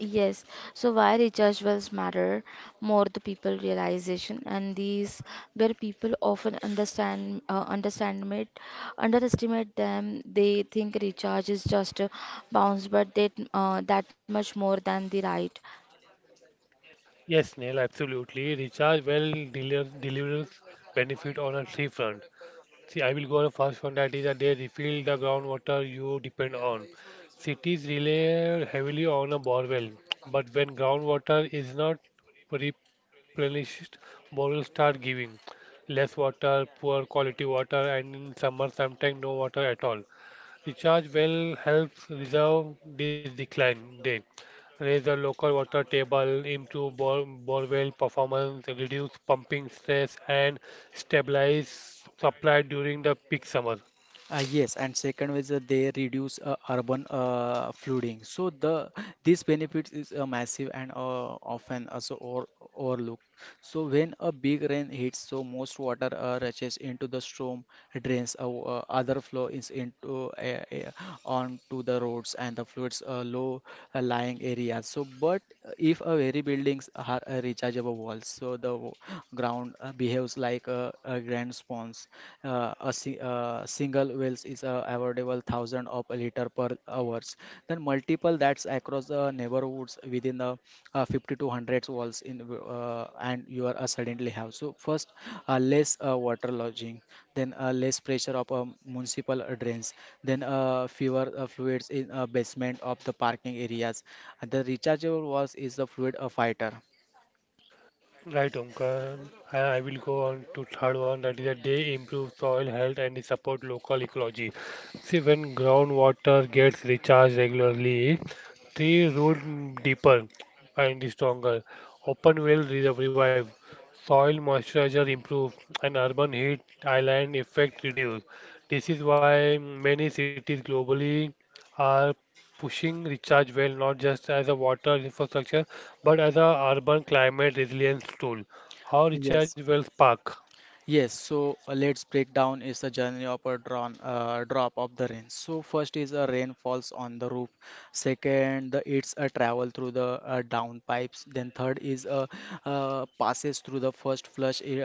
Yes, so why recharge wells matter more the people realization and these where people often understand uh, understand underestimate them they think recharge is just a bounce but that uh, that much more than the right. Yes, Neil, absolutely. Recharge well dealer, delivers benefit on a three front. See, I will go on the first one that is that they refill the groundwater you depend on. Cities rely heavily on a borewell, but when groundwater is not replenished, borewells start giving less water, poor quality water, and in summer sometimes no water at all. Recharge well helps reserve this decline day. Raise the local water table, improve bore, borewell performance, reduce pumping stress, and stabilize supply during the peak summer. Uh, yes, and second is that they reduce uh, urban uh, flooding. So the these benefits is uh, massive and uh, often also or, overlooked. So when a big rain hits, so most water uh, rushes into the storm drains. Uh, uh, other flow is into uh, uh, onto the roads and the floods uh, low uh, lying areas. So but if a very buildings are uh, rechargeable walls, so the w- ground uh, behaves like a, a grand sponge, uh, a si- uh, single wells is uh, available thousand of a liter per hours. Then multiple that's across the neighborhoods within the uh, fifty to one hundred walls in uh, and you are uh, suddenly have. So first, uh, less uh, water lodging, then uh, less pressure of um, municipal drains, then uh, fewer uh, fluids in uh, basement of the parking areas. And the rechargeable walls is the fluid uh, fighter. Right, Omkar. I I will go on to third one that is that they improve soil health and support local ecology. See, when groundwater gets recharged regularly, trees root deeper and stronger. Open well re- revive, soil moisturizer improve, and urban heat island effect reduce. This is why many cities globally are pushing recharge well not just as a water infrastructure but as a urban climate resilience tool. How recharge Yes. wells park? Yes, so uh, let's break down is the journey of a drawn, uh, drop of the rain. So first is a rain falls on the roof. Second, the, it's a travel through the uh, down pipes. Then third is a uh, passes through the first flush uh,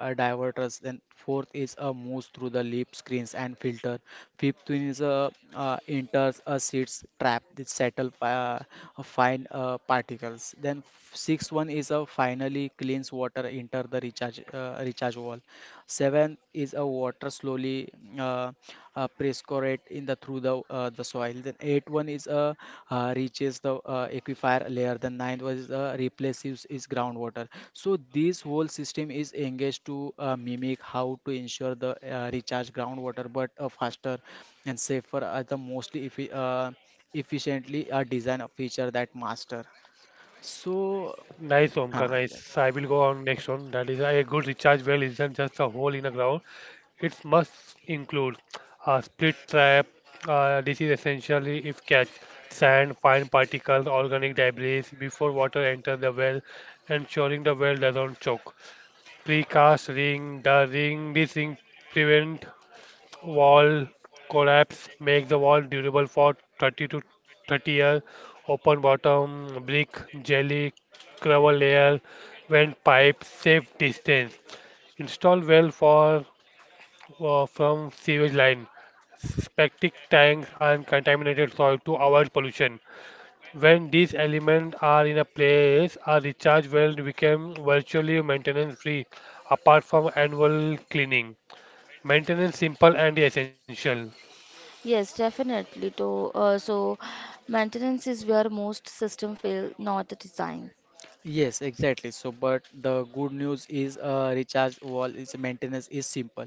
uh, diverters. Then fourth is a moves through the lip screens and filter. Fifth one is a uh, enters a seeds trap that settle uh, fine uh, particles. Then f- sixth one is a finally cleans water enter the recharge uh, recharge wall. Seventh is a water slowly uh, uh, prescorate in the through the uh, the soil. Then eighth one is a uh, reaches the uh, aquifer layer. The ninth one is uh, replaces is groundwater. So this whole system is engaged to uh, mimic how to ensure the uh, recharge groundwater, but uh, faster and safer are the mostly effi uh, efficiently uh, design a feature that master. So. Nice, Omkar, Uh, nice. I will go on next one. That is a good recharge well isn't just a hole in the ground. It must include a split trap. Uh, this is essentially if catch sand, fine particles, organic debris before water enters the well, ensuring the well doesn't choke. Precast ring, the ring, this ring prevent wall collapse, make the wall durable for thirty to thirty years. Open bottom, brick, jelly, gravel layer, vent pipe, safe distance. Install well for uh, from sewage line. Septic tanks and contaminated soil to avoid pollution. When these elements are in a place, a recharge well become virtually maintenance free apart from annual cleaning. Maintenance simple and essential. Yes, definitely to uh, so maintenance is where most system fail not the design. Yes, exactly. So, but the good news is uh, recharge wall is maintenance is simple.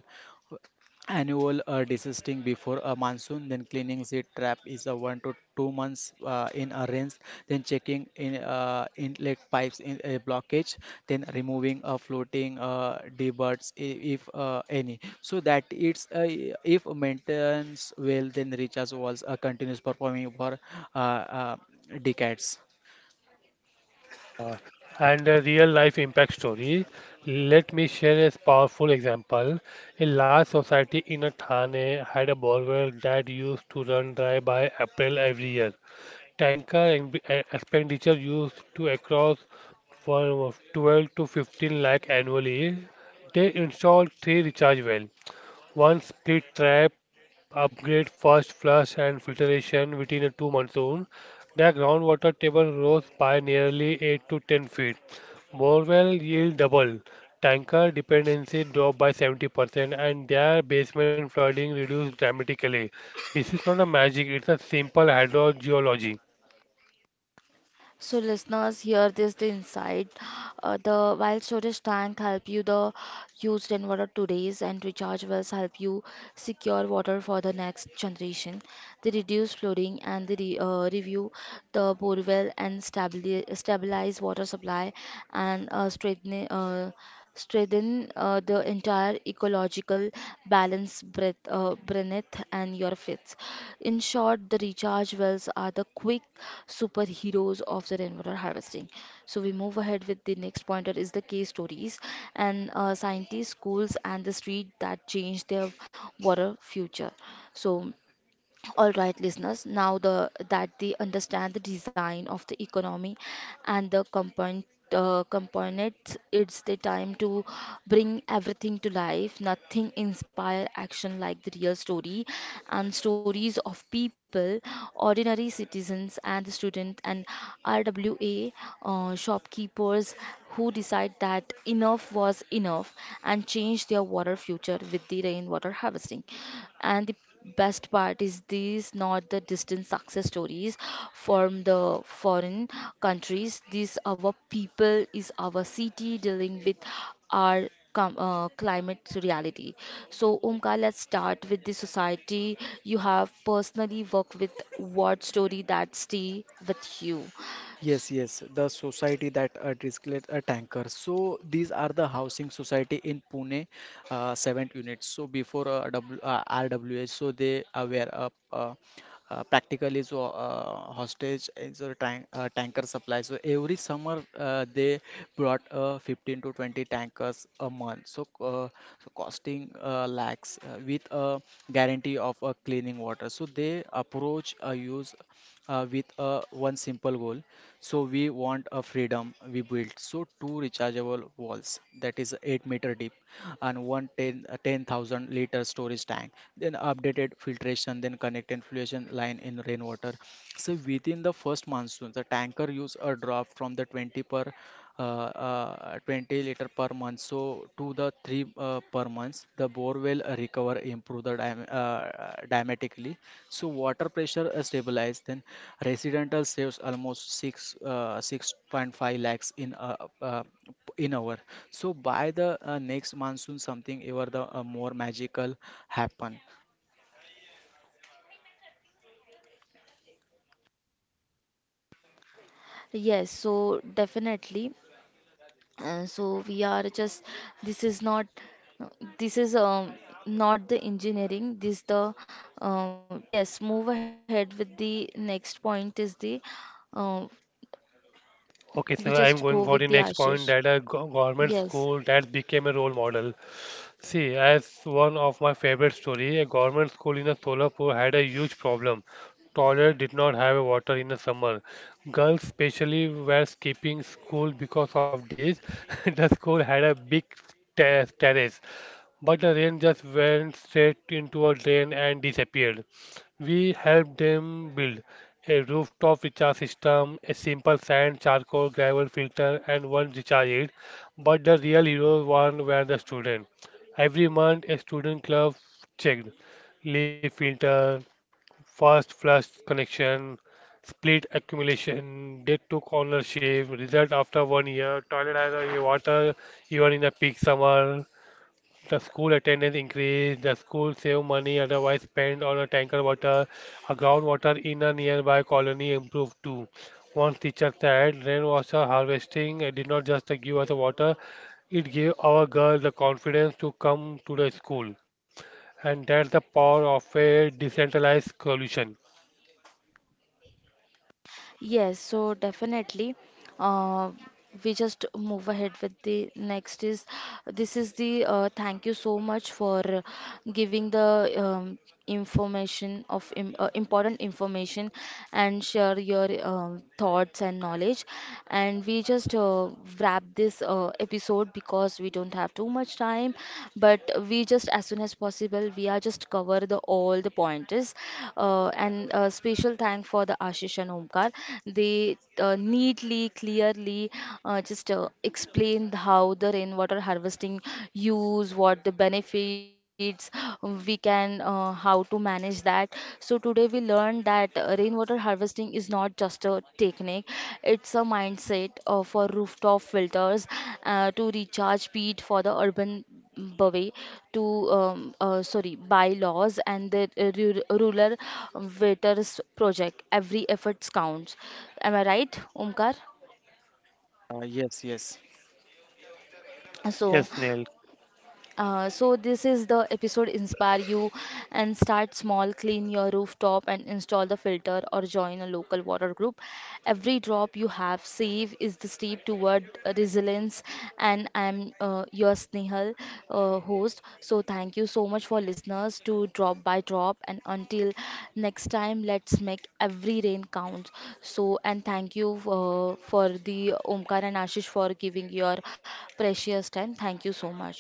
Annual uh, desisting before a monsoon, then cleaning seed trap is a one to two months uh, in a rinse, then checking in uh, inlet pipes in a blockage, then removing a floating uh, debuds i- if uh, any. So that it's uh, if maintenance well, then recharge walls are continuous performing for uh, uh, decades. And a real life impact story. Let me share a powerful example. A large society in a Thane had a borewell that used to run dry by April every year. Tanker and- eh, expenditure used to across from twelve to fifteen lakh annually. They installed three recharge wells, one split trap upgrade, first flush and filtration. Within a two monsoon, the groundwater table rose by nearly eight to ten feet. Borewell yield double. Tanker dependency dropped by seventy percent and their basement flooding reduced dramatically. This is not a magic, it's a simple hydrogeology. So listeners, here this the insight. Uh, the wild storage tank help you the use rain water today's and recharge wells help you secure water for the next generation. They reduce flooding and they re, uh, review the bore well and stabili stabilize water supply and uh, strengthen uh, strengthen uh, the entire ecological balance breath uh, breath and your fits in short the recharge wells are the quick superheroes of the rainwater harvesting. So we move ahead with the next pointer is the case stories and uh, scientists, schools, and the street that changed their water future. So all right, listeners, now the, that they understand the design of the economy and the component, uh, components, it's the time to bring everything to life. Nothing inspire action like the real story and stories of people, ordinary citizens and the student and R W A uh, shopkeepers who decide that enough was enough and change their water future with the rainwater harvesting and the best part is these not the distant success stories from the foreign countries these our people is our city dealing with our com- uh, climate reality. So Omkar, let's start with the society you have personally worked with. What story that stay with you? Yes, yes, the society that uh, disclaimed a tanker. So these are the housing society in Pune, uh, seven units. So before uh, w, uh, R W H, so they uh, were uh, uh, uh, practically so uh, hostage is a tank, uh, tanker supply. So every summer uh, they brought uh, fifteen to twenty tankers a month. So, uh, so costing uh, lakhs uh, with a guarantee of uh, cleaning water. So they approach uh, use uh, with uh, one simple goal, so we want a freedom. We built so two rechargeable walls that is eight meter deep and one ten ten thousand liter storage tank. Then updated filtration, then connect infiltration line in rainwater. So within the first monsoon, the tanker use a drop from the twenty per uh, uh, twenty liter per month so to the three uh, per month, the bore will recover improve the dam uh, dramatically, so water pressure uh, stabilized, then residential saves almost six uh, six point five lakhs in uh, uh, in hour. So by the uh, next monsoon something ever the uh, more magical happen. Yes, so definitely. Uh, so we are just this is not this is um, not the engineering this the uh, yes move ahead with the next point is the uh, we Okay, so just go I'm going with the for the next Ashish. point that a go- government Yes. school that became a role model. See, as one of my favorite story, a government school in a Solapur had a huge problem. Toilet did not have water in the summer. Girls especially were skipping school because of this. The school had a big ter- terrace, but the rain just went straight into a drain and disappeared. We helped them build a rooftop recharge system, a simple sand, charcoal, gravel filter, and one recharge aid. But the real heroes one were the students. Every month, a student club checked leaf filter, first flush connection, split accumulation. They took ownership. Result after one year. Toilet has a water even in the peak summer. The school attendance increased, the school saved money otherwise spent on a tanker water. A groundwater in a nearby colony improved too. Once teacher said, "Rainwater harvesting uh, did not just uh, give us water, it gave our girls the confidence to come to the school." And that's the power of a decentralized solution. Yes, so definitely, uh, we just move ahead with the next is this is the uh, thank you so much for giving the um, information of im uh, important information and share your um thoughts and knowledge. And we just uh, wrap this uh, episode because we don't have too much time but we just as soon as possible we are just cover the all the pointers uh, and uh, special thank for the Ashish and Omkar. They uh, neatly clearly uh, just uh, explained how the rainwater harvesting use what the benefits we can uh, how to manage that. So today we learned that uh, rainwater harvesting is not just a technique, it's a mindset uh, for rooftop filters uh, to recharge peat for the urban Bhave to um, uh, sorry bylaws and the uh, ru- rural waiters project. Every effort counts. Am I right, Omkar? Uh, yes yes So, Yes, Neil. Uh, so this is the episode inspire you and start small clean your rooftop and install the filter or join a local water group. Every drop you have save is the step toward resilience. And I'm uh, your Snehal, uh, host. So thank you so much for listeners to drop by drop and until next time let's make every rain count. So and thank you uh, for the Omkar and Ashish for giving your precious time. Thank you so much.